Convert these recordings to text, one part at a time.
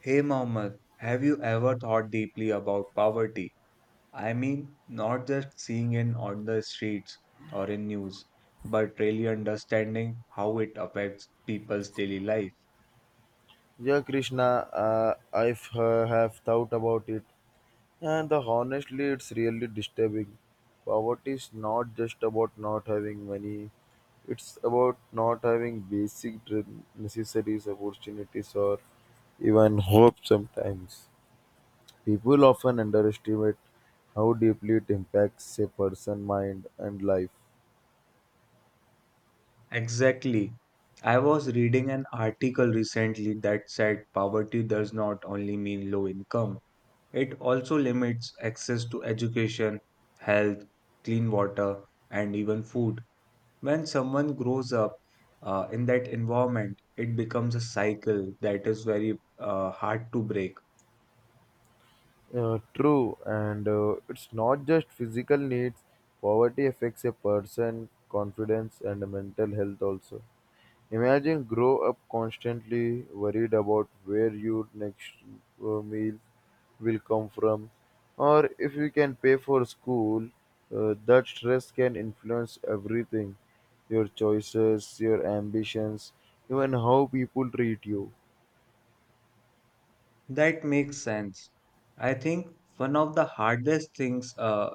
Hey Mohammed, have you ever thought deeply about poverty? I mean, not just seeing it on the streets or in news, but really understanding how it affects people's daily life. Yeah, Krishna, I have thought about it, and honestly, it's really disturbing. Poverty is not just about not having money; it's about not having necessities, opportunities, or even hope. Sometimes people often underestimate how deeply it impacts a person's mind and life. Exactly. I was reading an article recently that said poverty does not only mean low income, it also limits access to education, health, clean water, and even food. When someone grows up in that environment, it becomes a cycle that is very hard to break. True, and it's not just physical needs. Poverty affects a person, confidence, and mental health also. Imagine grow up constantly worried about where your next meal will come from, or if you can pay for school. That stress can influence everything, your choices, your ambitions, even how people treat you. That makes sense. I think one of the hardest things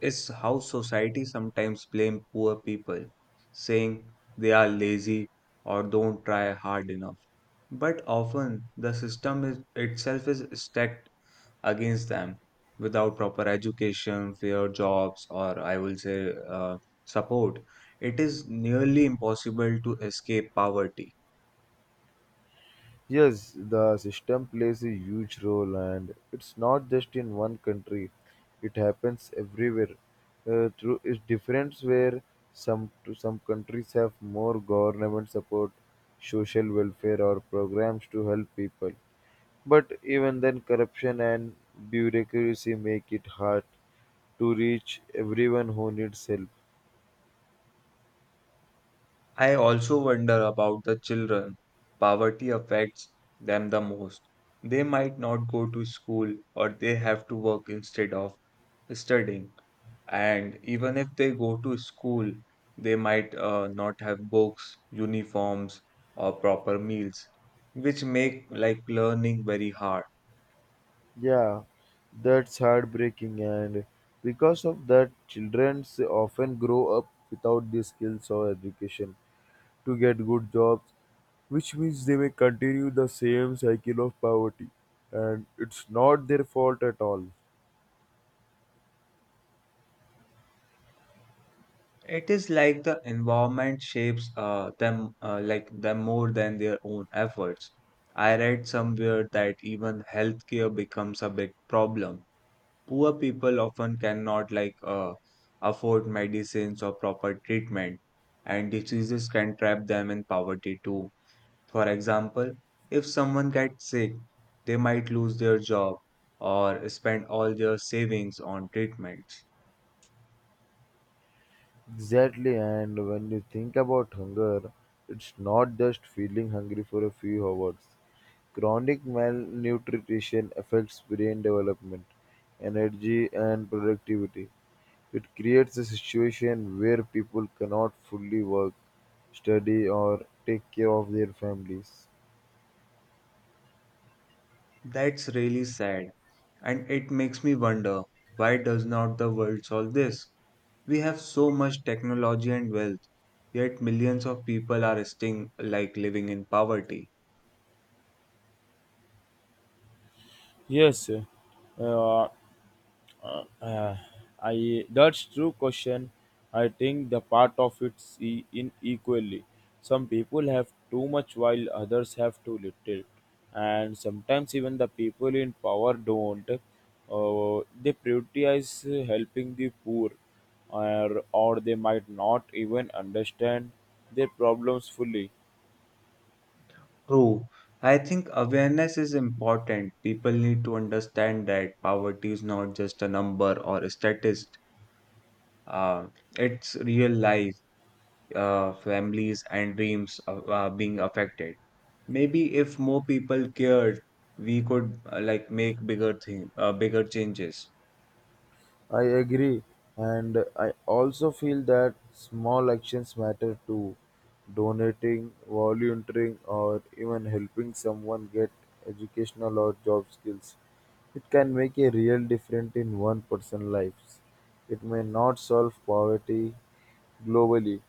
is how society sometimes blame poor people, saying they are lazy or don't try hard enough. But often the system itself is stacked against them without proper education, fair jobs, or I will say support. It is nearly impossible to escape poverty. Yes, the system plays a huge role, and it's not just in one country. It happens everywhere. Through its difference, where some countries have more government support, social welfare, or programs to help people. But even then, corruption and bureaucracy make it hard to reach everyone who needs help. I also wonder about the children. Poverty affects them the most. They might not go to school or they have to work instead of studying. And even if they go to school, they might not have books, uniforms, or proper meals, which make like learning very hard. Yeah, that's heartbreaking, and because of that, children often grow up without the skills or education to get good jobs, which means they may continue the same cycle of poverty, and it's not their fault at all. It is like the environment shapes them more than their own efforts. I read somewhere that even healthcare becomes a big problem. Poor people often cannot like afford medicines or proper treatment, and diseases can trap them in poverty too. For example, if someone gets sick, they might lose their job or spend all their savings on treatments. Exactly, and when you think about hunger, it's not just feeling hungry for a few hours. Chronic malnutrition affects brain development, energy, and productivity. It creates a situation where people cannot fully work, study, or take care of their families. That's really sad, and it makes me wonder, why does not the world solve this? We have so much technology and wealth, yet millions of people are still like living in poverty. Yes, uh, Uh, uh, I that's true question. I think the part of in equally. Some people have too much while others have too little, and sometimes even the people in power don't. They prioritize helping the poor, or they might not even understand their problems fully. True. I think awareness is important. People need to understand that poverty is not just a number or a statistic. Uh, it's real life, families and dreams being affected. Maybe if more people cared, we could like make bigger changes. I agree, and I also feel that small actions matter too. Donating, volunteering, or even helping someone get educational or job skills. It can make a real difference in one person's lives. It may not solve poverty globally,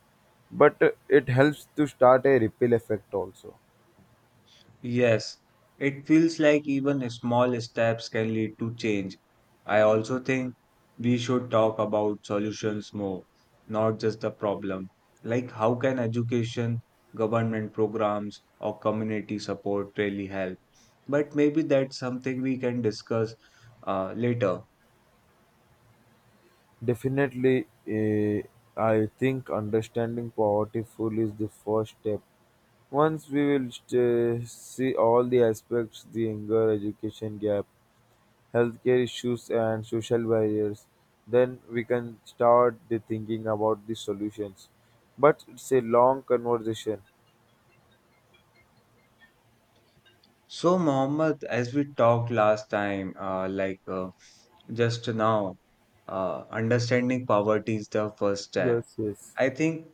but it helps to start a ripple effect also. Yes, it feels like even small steps can lead to change. I also think we should talk about solutions more, not just the problem. Like, how can education, government programs, or community support really help? But maybe that's something we can discuss later. Definitely, I think understanding poverty fully is the first step. Once we will see all the aspects the younger education gap, healthcare issues, and social barriers, then we can start the thinking about the solutions. But it's a long conversation. So, Mohammed, as we talked last time, like just now, understanding poverty is the first step. Yes, yes. I think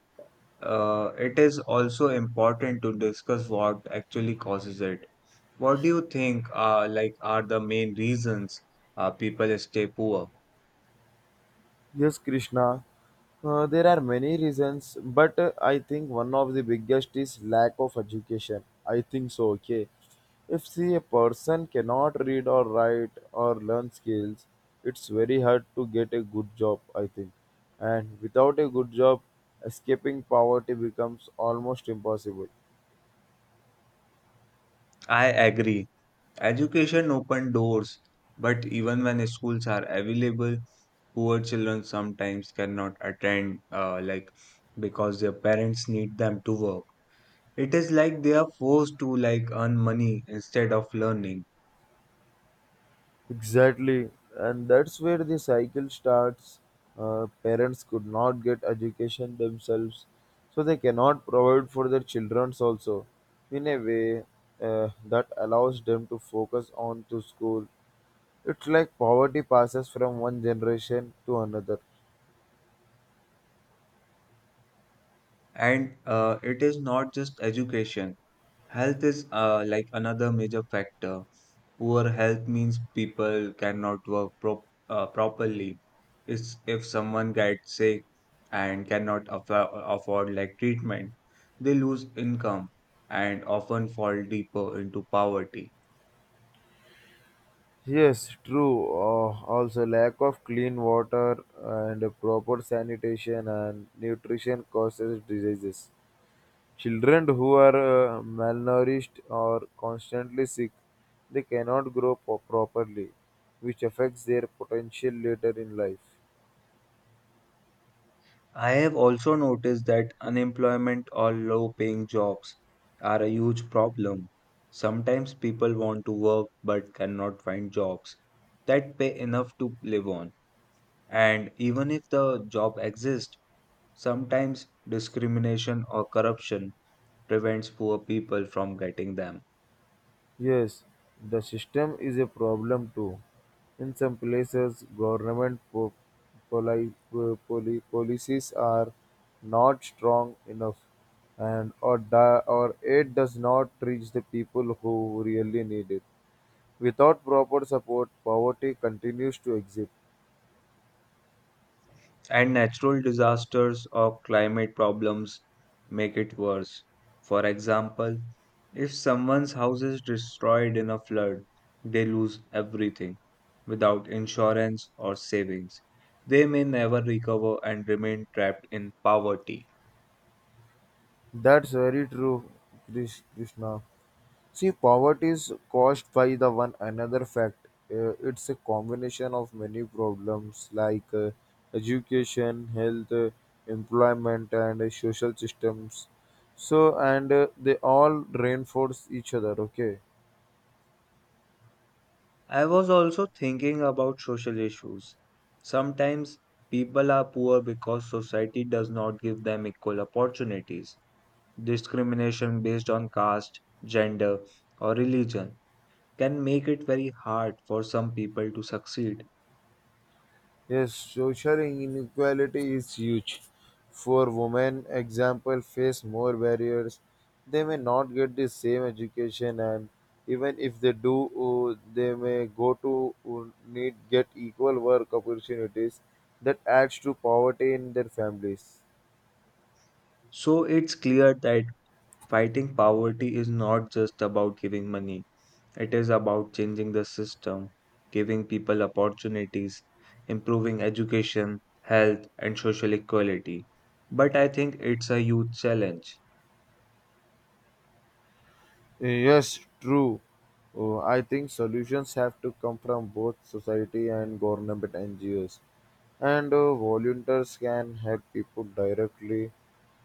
It is also important to discuss what actually causes it. What do you think like are the main reasons people stay poor? Yes, Krishna. There are many reasons, but I think one of the biggest is lack of education. I think so, okay. If see a person cannot read or write or learn skills, it's very hard to get a good job, I think. And without a good job, escaping poverty becomes almost impossible. I agree. Education open doors, but even when schools are available, poor children sometimes cannot attend like because their parents need them to work. It is like they are forced to like earn money instead of learning. Exactly, and that's where the cycle starts. Parents could not get education themselves, so they cannot provide for their children also. In a way, that allows them to focus on to school. It's like poverty passes from one generation to another. And it is not just education. Health is like another major factor. Poor health means people cannot work properly. It's if someone gets sick and cannot afford like treatment, they lose income and often fall deeper into poverty. Yes, true. Also, lack of clean water and proper sanitation and nutrition causes diseases. Children who are malnourished or constantly sick, they cannot properly, which affects their potential later in life. I have also noticed that unemployment or low paying jobs are a huge problem. Sometimes people want to work but cannot find jobs that pay enough to live on. And even if the job exists, sometimes discrimination or corruption prevents poor people from getting them. Yes, the system is a problem too. In some places, government po- poli- policies are not strong enough, or aid does not reach the people who really need it. Without proper support, poverty continues to exist. And natural disasters or climate problems make it worse. For example, if someone's house is destroyed in a flood, they lose everything without insurance or savings. They may never recover and remain trapped in poverty. That's very true, Krishna. See, poverty is caused by the one another fact. It's a combination of many problems like education, health, employment, and social systems. So, and they all reinforce each other. Okay. I was also thinking about social issues. Sometimes people are poor because society does not give them equal opportunities. Discrimination based on caste, gender, or religion can make it very hard for some people to succeed. Yes, social inequality is huge. For women, example, face more barriers. They may not get the same education, and even if they do, they may go to need get equal work opportunities. That adds to poverty in their families. So it's clear that fighting poverty is not just about giving money. It is about changing the system, giving people opportunities, improving education, health, and social equality. But I think it's a huge challenge. Yes, true. I think solutions have to come from both society and government NGOs, and volunteers can help people directly,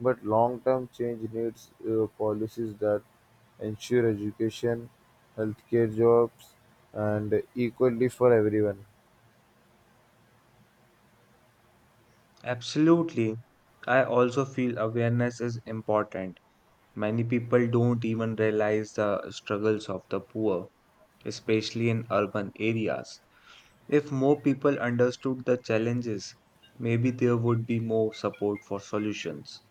but long-term change needs policies that ensure education, healthcare, jobs, and equally for everyone. Absolutely. I also feel awareness is important. Many people don't even realize the struggles of the poor, especially in urban areas. If more people understood the challenges, maybe there would be more support for solutions.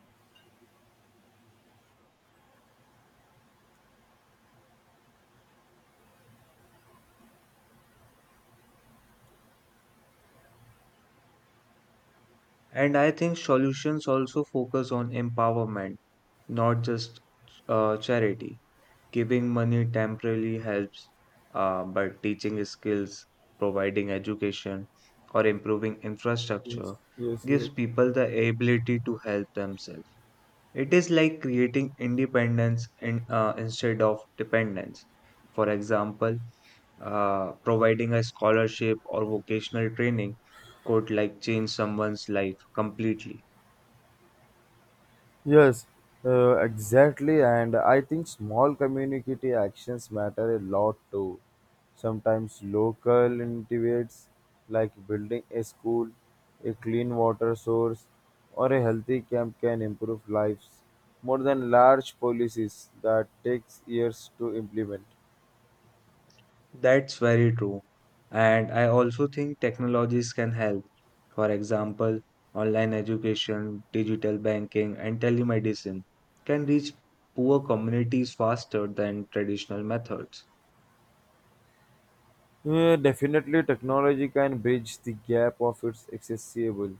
And I think solutions also focus on empowerment, not just charity. Giving money temporarily helps, but teaching skills, providing education, or improving Yes, infrastructure yes, gives yes. people the ability to help themselves. It is like creating independence instead of dependence. For example, providing a scholarship or vocational training could like change someone's life completely. Yes, exactly. And I think small community actions matter a lot too. Sometimes local initiatives like building a school, a clean water source, or a healthy camp can improve lives more than large policies that takes years to implement. That's very true. And I also think technologies can help. For example, online education, digital banking, and telemedicine can reach poor communities faster than traditional methods. Yeah, definitely, technology can bridge the gap of its accessible.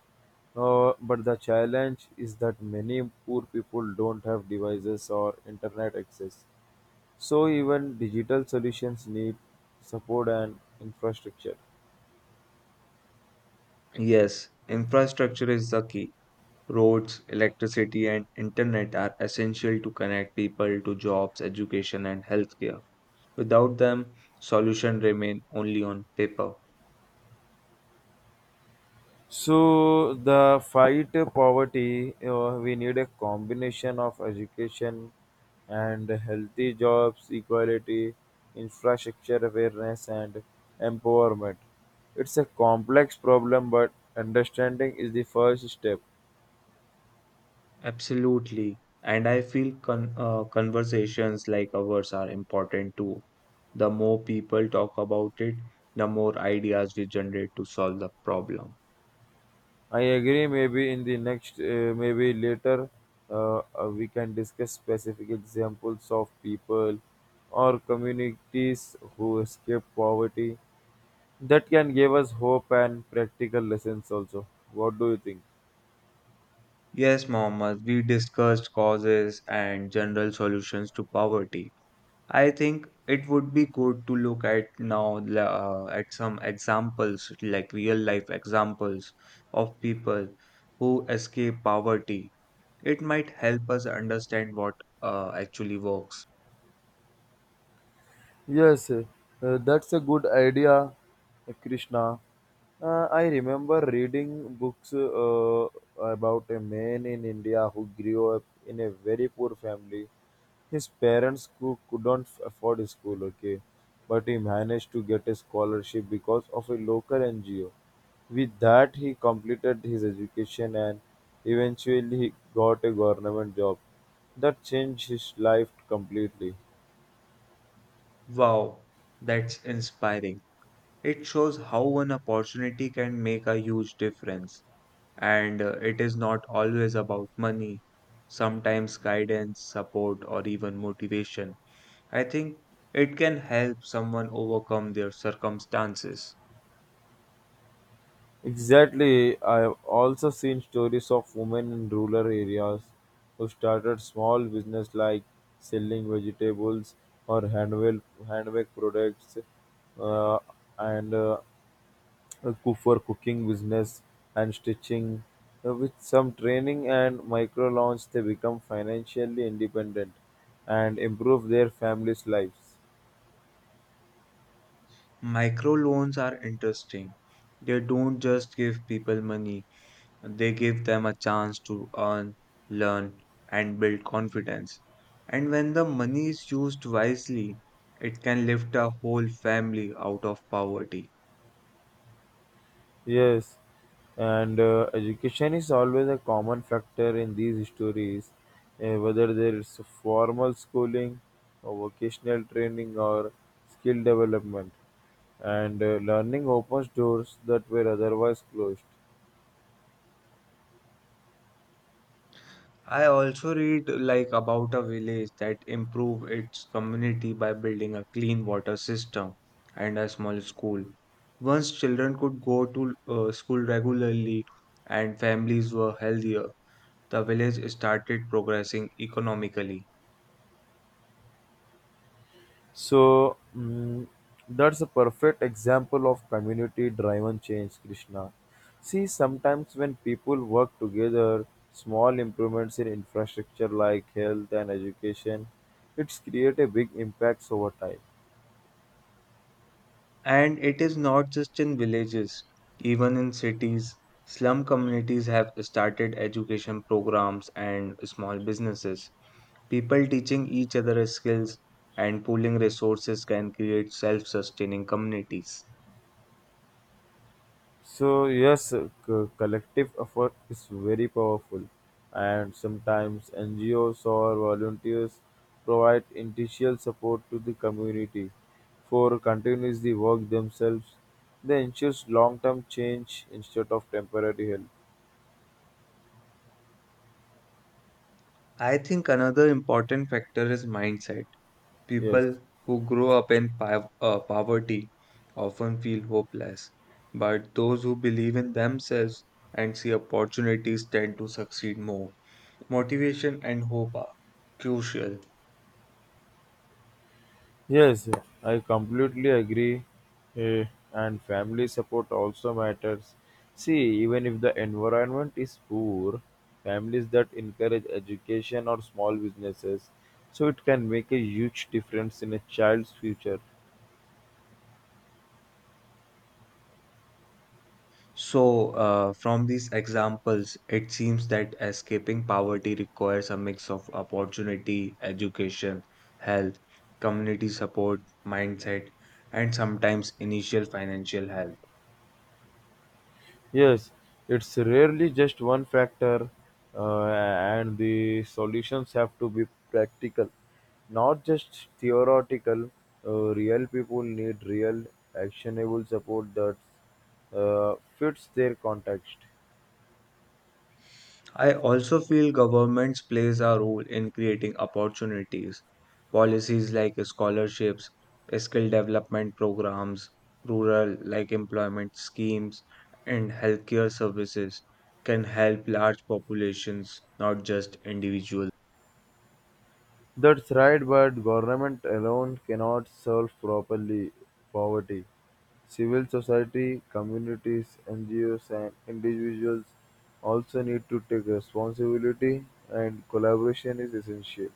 But the challenge is that many poor people don't have devices or internet access. So even digital solutions need support and infrastructure. Yes, infrastructure is the key. Roads, electricity, and internet are essential to connect people to jobs, education, and healthcare. Without them, solutions remain only on paper. So the fight poverty, we need a combination of education and healthy jobs, equality, infrastructure awareness, and empowerment. It's a complex problem, but understanding is the first step. Absolutely. And I feel conversations like ours are important too. The more people talk about it, the more ideas we generate to solve the problem. I agree. Maybe in the next, maybe later, we can discuss specific examples of people or communities who escape poverty. That can give us hope and practical lessons also. What do you think? Yes, Mohammed, we discussed causes and general solutions to poverty. I think it would be good to look at now at some examples, like real life examples of people who escape poverty. It might help us understand what actually works. Yes, that's a good idea, Krishna. I remember reading books about a man in India who grew up in a very poor family. His parents couldn't afford school, okay, but he managed to get a scholarship because of a local NGO. With that, he completed his education and eventually he got a government job. That changed his life completely. Wow, that's inspiring. It shows how one opportunity can make a huge difference. And it is not always about money, sometimes guidance, support, or even motivation. I think it can help someone overcome their circumstances. Exactly. I've also seen stories of women in rural areas who started small business like selling vegetables or handmade products, uh, and uh, for cooking business and stitching. With some training and micro loans, they become financially independent and improve their families' lives. Microloans are interesting. They don't just give people money, they give them a chance to earn, learn, and build confidence. And when the money is used wisely, it can lift a whole family out of poverty. Yes, and education is always a common factor in these stories, whether there is formal schooling or vocational training or skill development. And learning opens doors that were otherwise closed. I also read like about a village that improved its community by building a clean water system and a small school. Once children could go to school regularly and families were healthier, the village started progressing economically. So mm, that's a perfect example of community driven change, Krishna. See, sometimes when people work together, small improvements in infrastructure like health and education, it's create a big impacts over time. And it is not just in villages, even in cities, slum communities have started education programs and small businesses. People teaching each other skills and pooling resources can create self sustaining communities. So yes, collective effort is very powerful, and sometimes NGOs or volunteers provide initial support to the community for continues the work themselves. They ensures long-term change instead of temporary help. I think another important factor is mindset. Yes. People who grow up in poverty often feel hopeless, but those who believe in themselves and see opportunities tend to succeed more. Motivation and hope are crucial. Yes, I completely agree. eh, and family support also matters. See, even if the environment is poor, families that encourage education or small businesses, so it can make a huge difference in a child's future. So, from these examples, it seems that escaping poverty requires a mix of opportunity, education, health, community support, mindset, and sometimes initial financial help. Yes, it's rarely just one factor, and the solutions have to be practical, not just theoretical. Real people need real, actionable support that fits their context. I also feel governments plays a role in creating opportunities. Policies like scholarships, skill development programs, rural like employment schemes, and healthcare services can help large populations, not just individuals. That's right, but government alone cannot solve properly poverty. Civil society, communities, NGOs and individuals also need to take responsibility and collaboration is essential.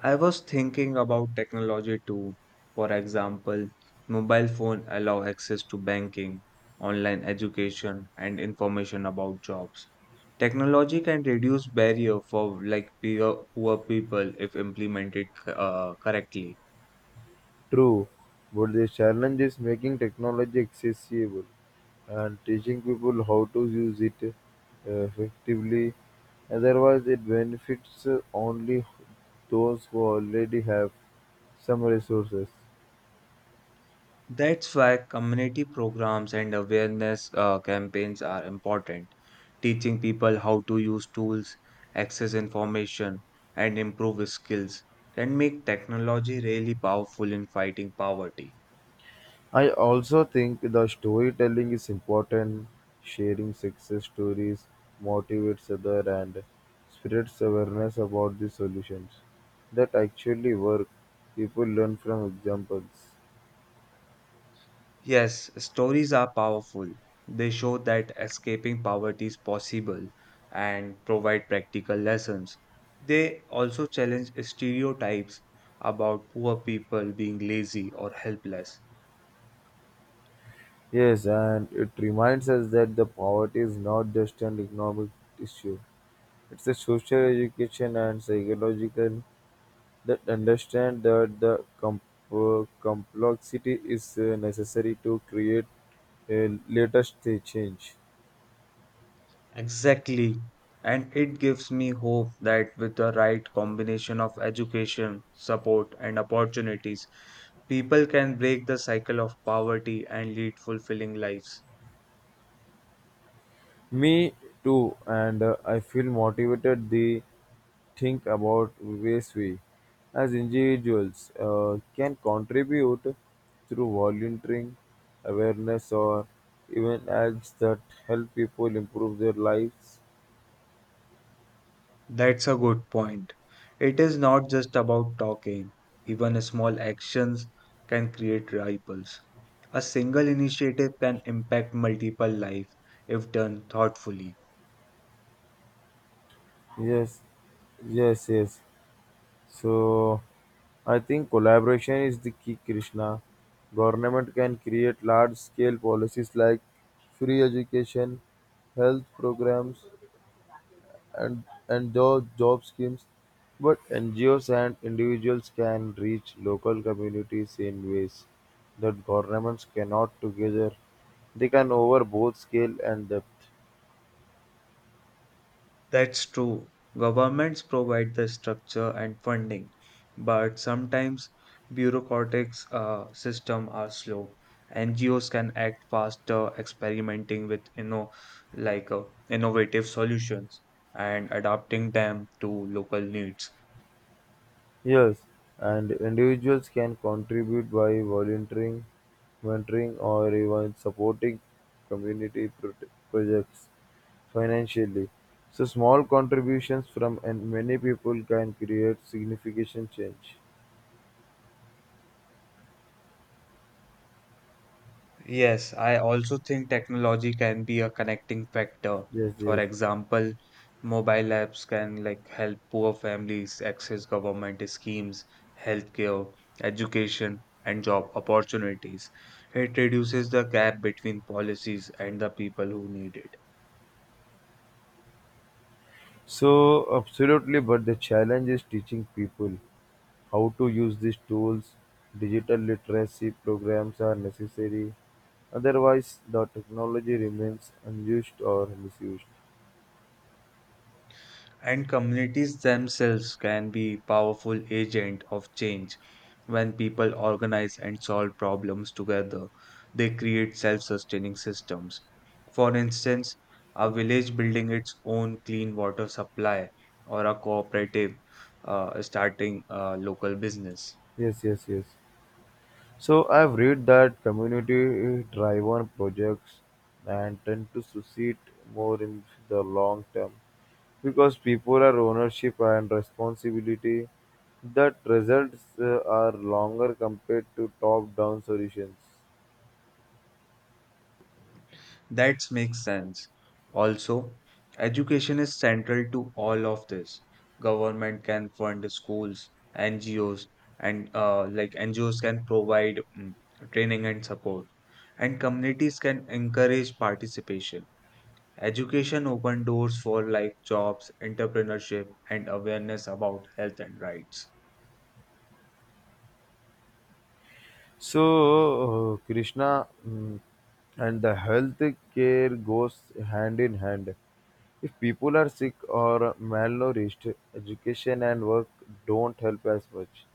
I was thinking about technology too. For example, mobile phone allow access to banking, online education, and information about jobs. Technology can reduce barrier for like poor people if implemented correctly. True, but the challenge is making technology accessible and teaching people how to use it effectively. Otherwise, it benefits only those who already have some resources. That's why community programs and awareness campaigns are important. Teaching people how to use tools, access information, and improve skills can make technology really powerful in fighting poverty. I also think the storytelling is important. Sharing success stories motivates others and spreads awareness about the solutions that actually work. People learn from examples. Yes, stories are powerful. They show that escaping poverty is possible and provide practical lessons. They also challenge stereotypes about poor people being lazy or helpless. Yes, and it reminds us that the poverty is not just an economic issue. It's a social education and psychological. That understand that the complexity is necessary to create a latest change. Exactly. And it gives me hope that with the right combination of education, support, and opportunities, people can break the cycle of poverty and lead fulfilling lives. Me too, and I feel motivated to think about ways we, as individuals, can contribute through volunteering, awareness, or even acts that help people improve their lives. That's a good point. It is not just about talking, even small actions can create ripples. A single initiative can impact multiple lives if done thoughtfully. Yes, yes, yes. So I think collaboration is the key, Krishna. Government can create large scale policies like free education, health programs, and job, job schemes, but NGOs and individuals can reach local communities in ways that governments cannot together. They can over both scale and depth. That's true. Governments provide the structure and funding, but sometimes bureaucratic systems are slow. NGOs can act faster, experimenting with like innovative solutions and adapting them to local needs. Yes, and individuals can contribute by volunteering, mentoring, or even supporting community pro- projects financially. So, small contributions from and many people can create significant change. Yes, I also think technology can be a connecting factor. Yes, For yes. example, mobile apps can like help poor families access government schemes, healthcare, education, and job opportunities. It reduces the gap between policies and the people who need it. So, absolutely, but the challenge is teaching people how to use these tools. Digital literacy programs are necessary, otherwise, the technology remains unused or misused. And communities themselves can be powerful agent of change. When people organize and solve problems together, they create self-sustaining systems. For instance, a village building its own clean water supply or a cooperative starting a local business. Yes, yes, yes. So I've read that community-driven projects and tend to succeed more in the long term because people are ownership and responsibility that results are longer compared to top-down solutions. That makes sense. Also, education is central to all of this. Government can fund schools, NGOs, and like NGOs can provide training and support, and communities can encourage participation. Education open doors for like jobs, entrepreneurship, and awareness about health and rights. So Krishna, and the health care goes hand in hand. If people are sick or malnourished, education and work don't help as much.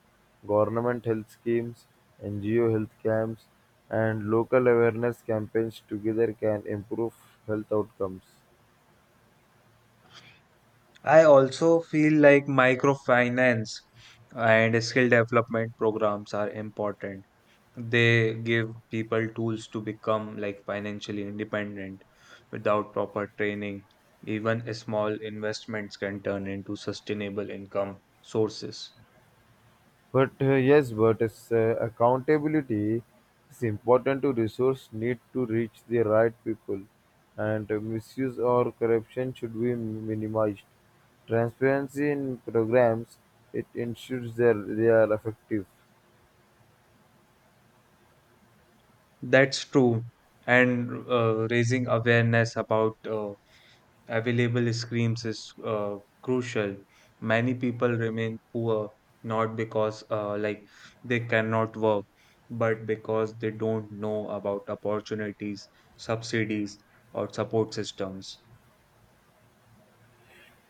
Government health schemes, NGO health camps, and local awareness campaigns together can improve health outcomes. I also feel like microfinance and skill development programs are important. They give people tools to become like financially independent without proper training. Even a small investments can turn into sustainable income sources. But Yes, but it's, accountability is important to resource need to reach the right people, and misuse or corruption should be minimized. Transparency in programs it ensures that they are effective. That's true. And raising awareness about available schemes is crucial. Many people remain poor not because like they cannot work, but because they don't know about opportunities, subsidies, or support systems.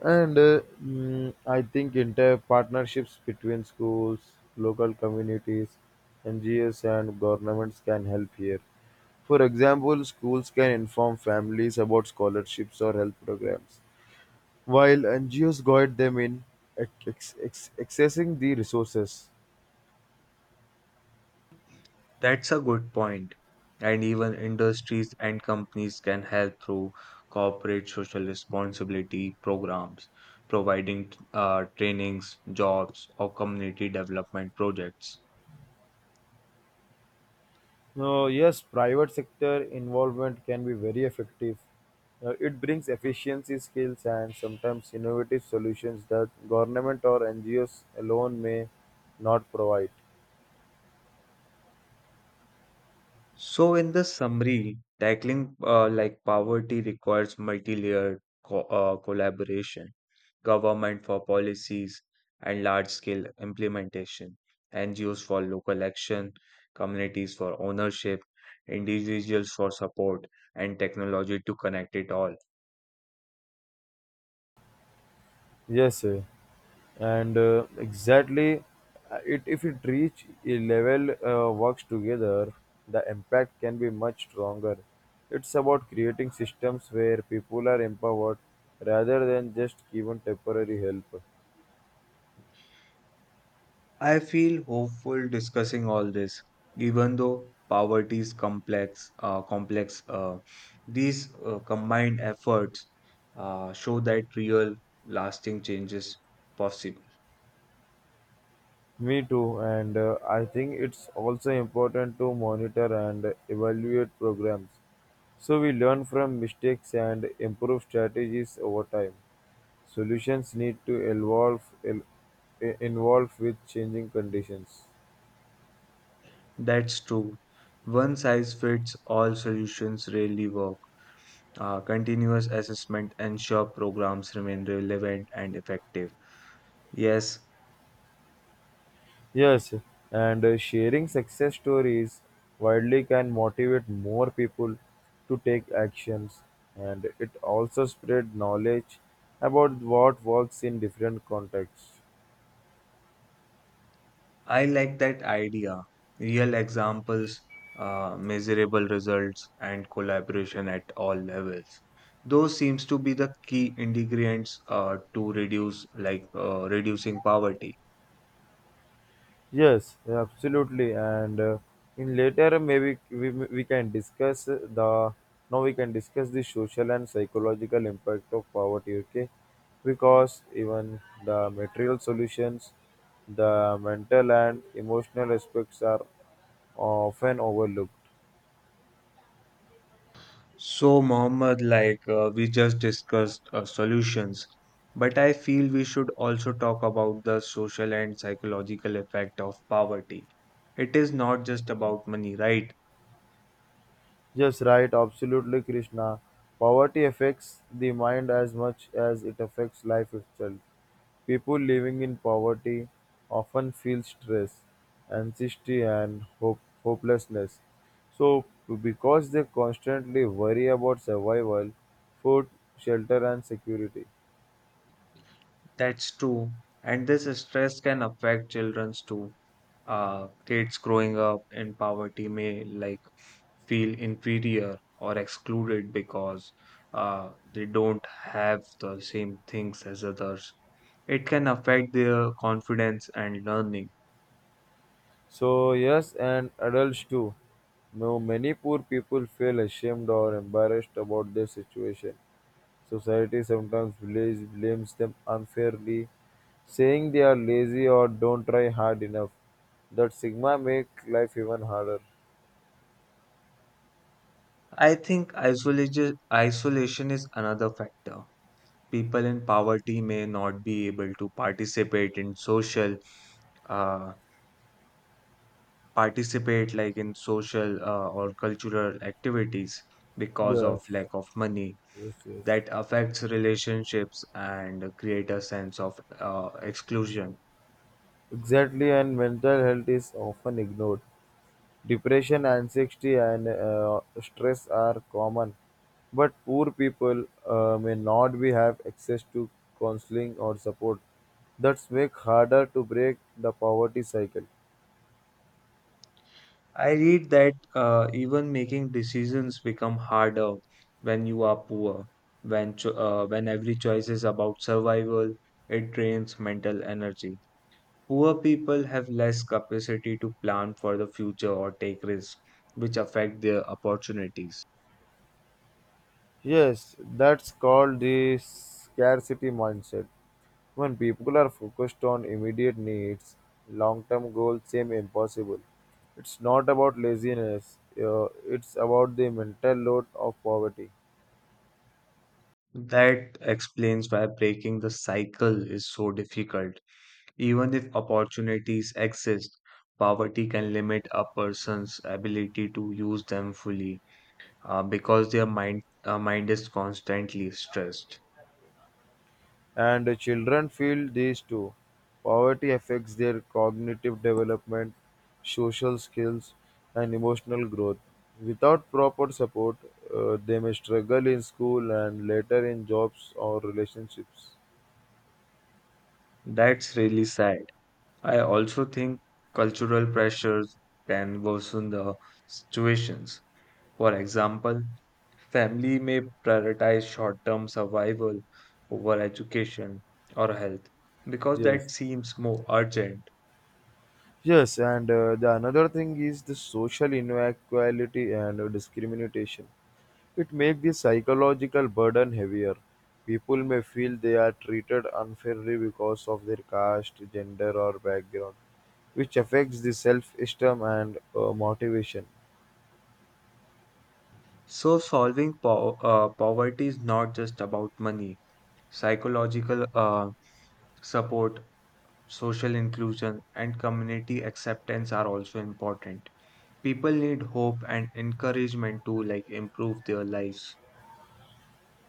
And I think entire partnerships between schools, local communities, NGOs, and governments can help here. For example, schools can inform families about scholarships or health programs, while NGOs guide them in accessing the resources. That's a good point. And even industries and companies can help through corporate social responsibility programs, providing trainings, jobs, or community development projects. Yes, private sector involvement can be very effective. It brings efficiency skills and sometimes innovative solutions that government or NGOs alone may not provide. So, in the summary, tackling like poverty requires multi-layered co collaboration, government for policies and large-scale implementation, NGOs for local action, communities for ownership, individuals for support, and technology to connect it all. Yes, and exactly, it if it reach a level works together, the impact can be much stronger. It's about creating systems where people are empowered rather than just given temporary help. I feel hopeful discussing all this, even though poverty is complex. Complex. These combined efforts show that real, lasting changes possible. Me too, and I think it's also important to monitor and evaluate programs so we learn from mistakes and improve strategies over time. Solutions need to evolve el- involve with changing conditions. That's true. One size fits all solutions rarely work. Continuous assessment ensure programs remain relevant and effective. Yes, Yes, and sharing success stories widely can motivate more people to take actions, and it also spread knowledge about what works in different contexts. I like that idea. Real examples, measurable results, and collaboration at all levels. Those seems to be the key ingredients to reduce reducing poverty. Yes, absolutely. And in later, maybe we can discuss the now we can discuss the social and psychological impact of poverty. Okay, because even the material solutions, the mental and emotional aspects are often overlooked. So, Mohammed, we just discussed solutions, but I feel we should also talk about the social and psychological effect of poverty. It is not just about money, right? Just right, absolutely, Krishna. Poverty affects the mind as much as it affects life itself. People living in poverty often feel stress, anxiety, and hopelessness. So, because they constantly worry about survival, food, shelter, and security. That's true. And this stress can affect children's too. Kids growing up in poverty may like feel inferior or excluded because they don't have the same things as others. It can affect their confidence and learning. So, yes, and adults too. No, many poor people feel ashamed or embarrassed about their situation. Society sometimes blames them unfairly, saying they are lazy or don't try hard enough. That stigma make life even harder. I think isolation is another factor. People in poverty may not be able to participate in social uh, participate like in social or cultural activities because of Yes, lack of money yes, yes. that affects relationships and create a sense of exclusion. Exactly, and mental health is often ignored. Depression, anxiety, and stress are common, but poor people may not be have access to counseling or support. That's make harder to break the poverty cycle. I read that even making decisions become harder when you are poor when when every choice is about survival, it drains mental energy. Poor people have less capacity to plan for the future or take risks which affect their opportunities. Yes, that's called the scarcity mindset. When people are focused on immediate needs, long term goals seem impossible. It's not about laziness, it's about the mental load of poverty. That explains why breaking the cycle is so difficult. Even if opportunities exist, poverty can limit a person's ability to use them fully because their mind is constantly stressed. And the children feel these too. Poverty affects their cognitive development, social skills, and emotional growth. Without proper support, they may struggle in school and later in jobs or relationships. That's really sad. I also think cultural pressures can worsen the situations. For example, family may prioritize short-term survival over education or health because that Yes, seems more urgent. yes, and the another thing is the social inequality and discrimination. It makes the psychological burden heavier. People may feel they are treated unfairly because of their caste, gender, or background, which affects the self-esteem and motivation. So solving poverty is not just about money. Psychological support, social inclusion, and community acceptance are also important. People need hope and encouragement to like improve their lives.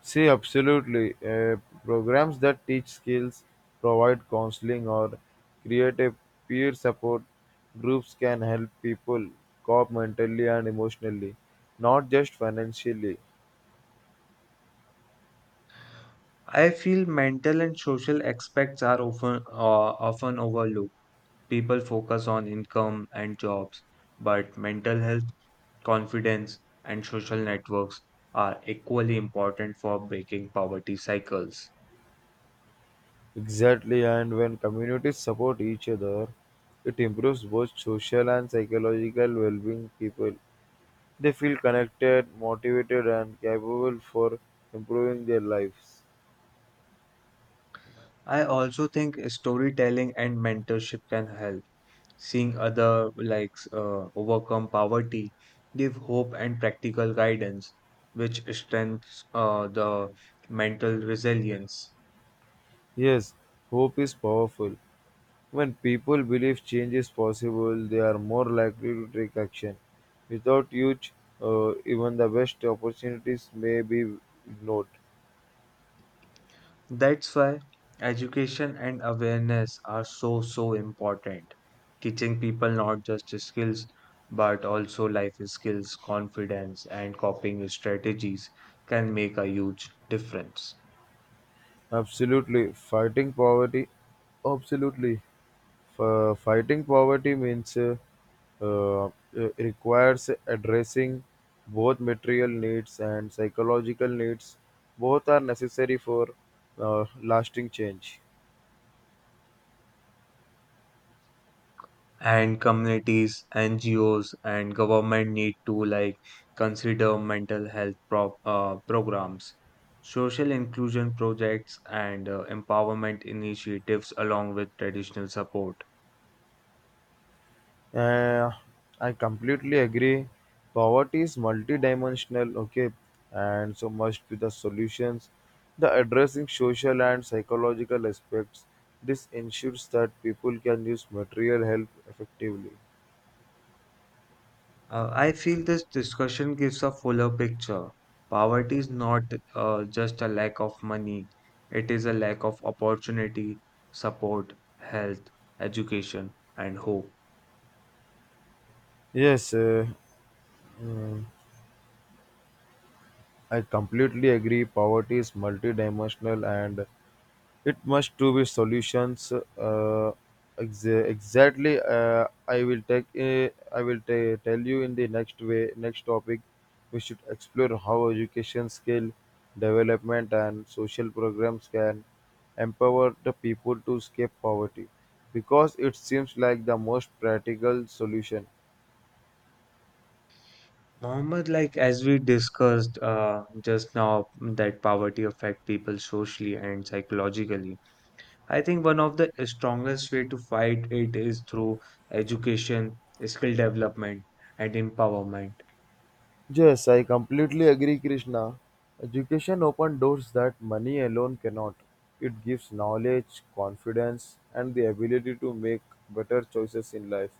See, absolutely. Programs that teach skills, provide counseling, or create a peer support groups can help people cope mentally and emotionally, not just financially. I feel mental and social aspects are often overlooked. People focus on income and jobs, but mental health, confidence, and social networks are equally important for breaking poverty cycles. Exactly, and when communities support each other, it improves both social and psychological well-being. People they feel connected, motivated, and capable for improving their lives. I also think storytelling and mentorship can help. Seeing other overcome poverty, give hope and practical guidance, which strengthens the mental resilience. Yes, hope is powerful. When people believe change is possible, they are more likely to take action. Without youth, even the best opportunities may be ignored. That's why education and awareness are so, so important. Teaching people not just skills, but also life skills, confidence, and coping strategies can make a huge difference. Absolutely, fighting poverty. Absolutely, fighting poverty means uh, requires addressing both material needs and psychological needs. Both are necessary for lasting change. And communities, NGOs, and government need to like consider mental health programs, social inclusion projects, and empowerment initiatives along with traditional support. Uh, I completely agree. Poverty is multidimensional, okay, and so must be the solutions. The addressing social and psychological aspects. This ensures that people can use material help effectively. I feel this discussion gives a fuller picture. Poverty is not just a lack of money, it is a lack of opportunity, support, health, education, and hope. Yes, I completely agree. Poverty is multidimensional, and it must to be solutions. Exactly. I will take. Tell you in the next way. Next topic, we should explore how education skill development and social programs can empower the people to escape poverty, because it seems like the most practical solution. Mohammed, like as we discussed just now, that poverty affects people socially and psychologically. I think one of the strongest way to fight it is through education, skill development, and empowerment. Yes, I completely agree, Krishna. Education opens doors that money alone cannot. It gives knowledge, confidence, and the ability to make better choices in life.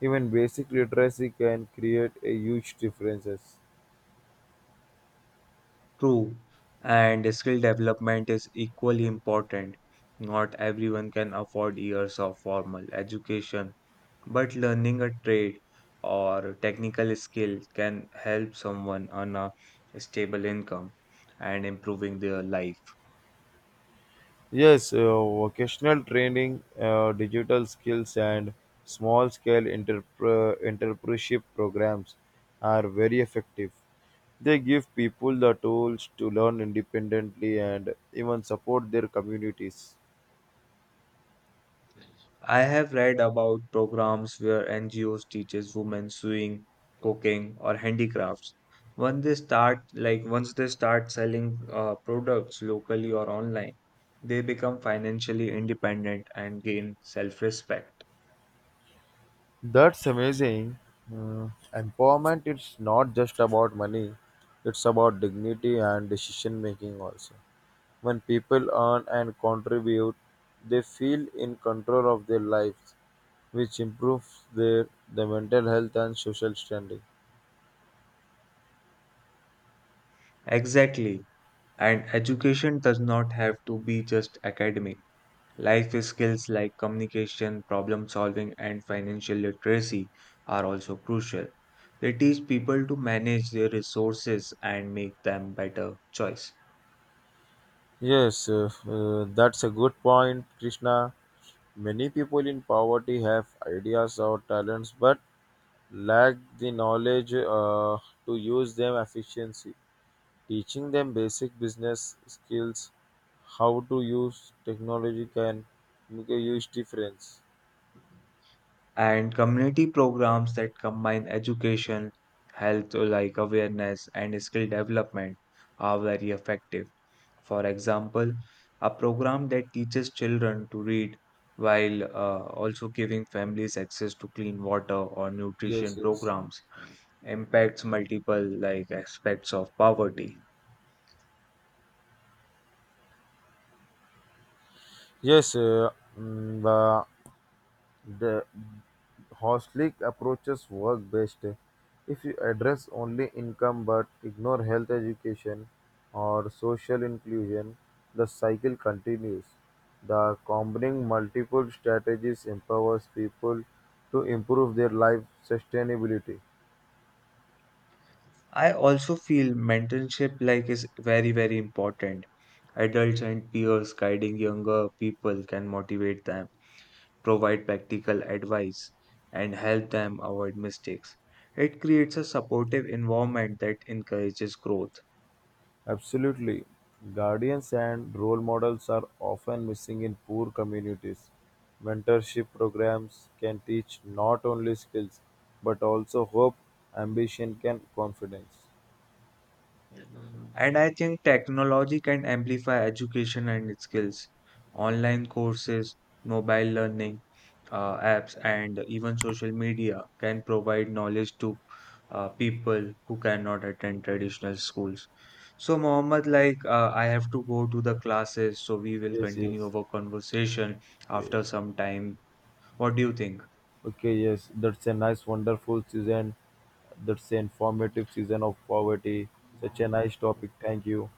Even basic literacy can create a huge differences. True, and skill development is equally important. Not everyone can afford years of formal education, but learning a trade or technical skill can help someone earn a stable income and improving their life. Yes, vocational training, digital skills, and small scale entrepreneurship programs are very effective. They give people the tools to learn independently and even support their communities. I have read about programs where NGOs teaches women sewing, cooking, or handicrafts. Once they start, like once they start selling products locally or online, they become financially independent and gain self-respect. That's amazing. Mm, empowerment is not just about money, it's about dignity and decision making also. When people earn and contribute, they feel in control of their lives which improves their mental health and social standing. Exactly. And education does not have to be just academic. Life skills like communication, problem solving, and financial literacy are also crucial. They teach people to manage their resources and make them better choice. Yes, that's a good point, Krishna. Many people in poverty have ideas or talents but lack the knowledge to use them efficiently. Teaching them basic business skills, how to use technology can make a huge difference. And community programs that combine education, health like awareness and skill development are very effective. For example, a program that teaches children to read while also giving families access to clean water or Yes, nutrition yes. programs impacts multiple like aspects of poverty. Yes, mm, the, the, holistic approaches work best. If you address only income but ignore health education or social inclusion, the cycle continues. The combining multiple strategies empowers people to improve their life sustainability. I also feel mentorship like is very very important. Adults and peers guiding younger people can motivate them, provide practical advice, and help them avoid mistakes. It creates a supportive environment that encourages growth. Absolutely. Guardians and role models are often missing in poor communities. Mentorship programs can teach not only skills but also hope, ambition, and confidence. And I think technology can amplify education and skills. Online courses, mobile learning apps, and even social media can provide knowledge to people who cannot attend traditional schools. So, Mohammed, I have to go to the classes, so we will Yes, continue yes. our conversation Okay. after some time. What do you think? Okay, yes. That's a nice, wonderful season. That's an informative season of poverty. Such a nice topic. Thank you.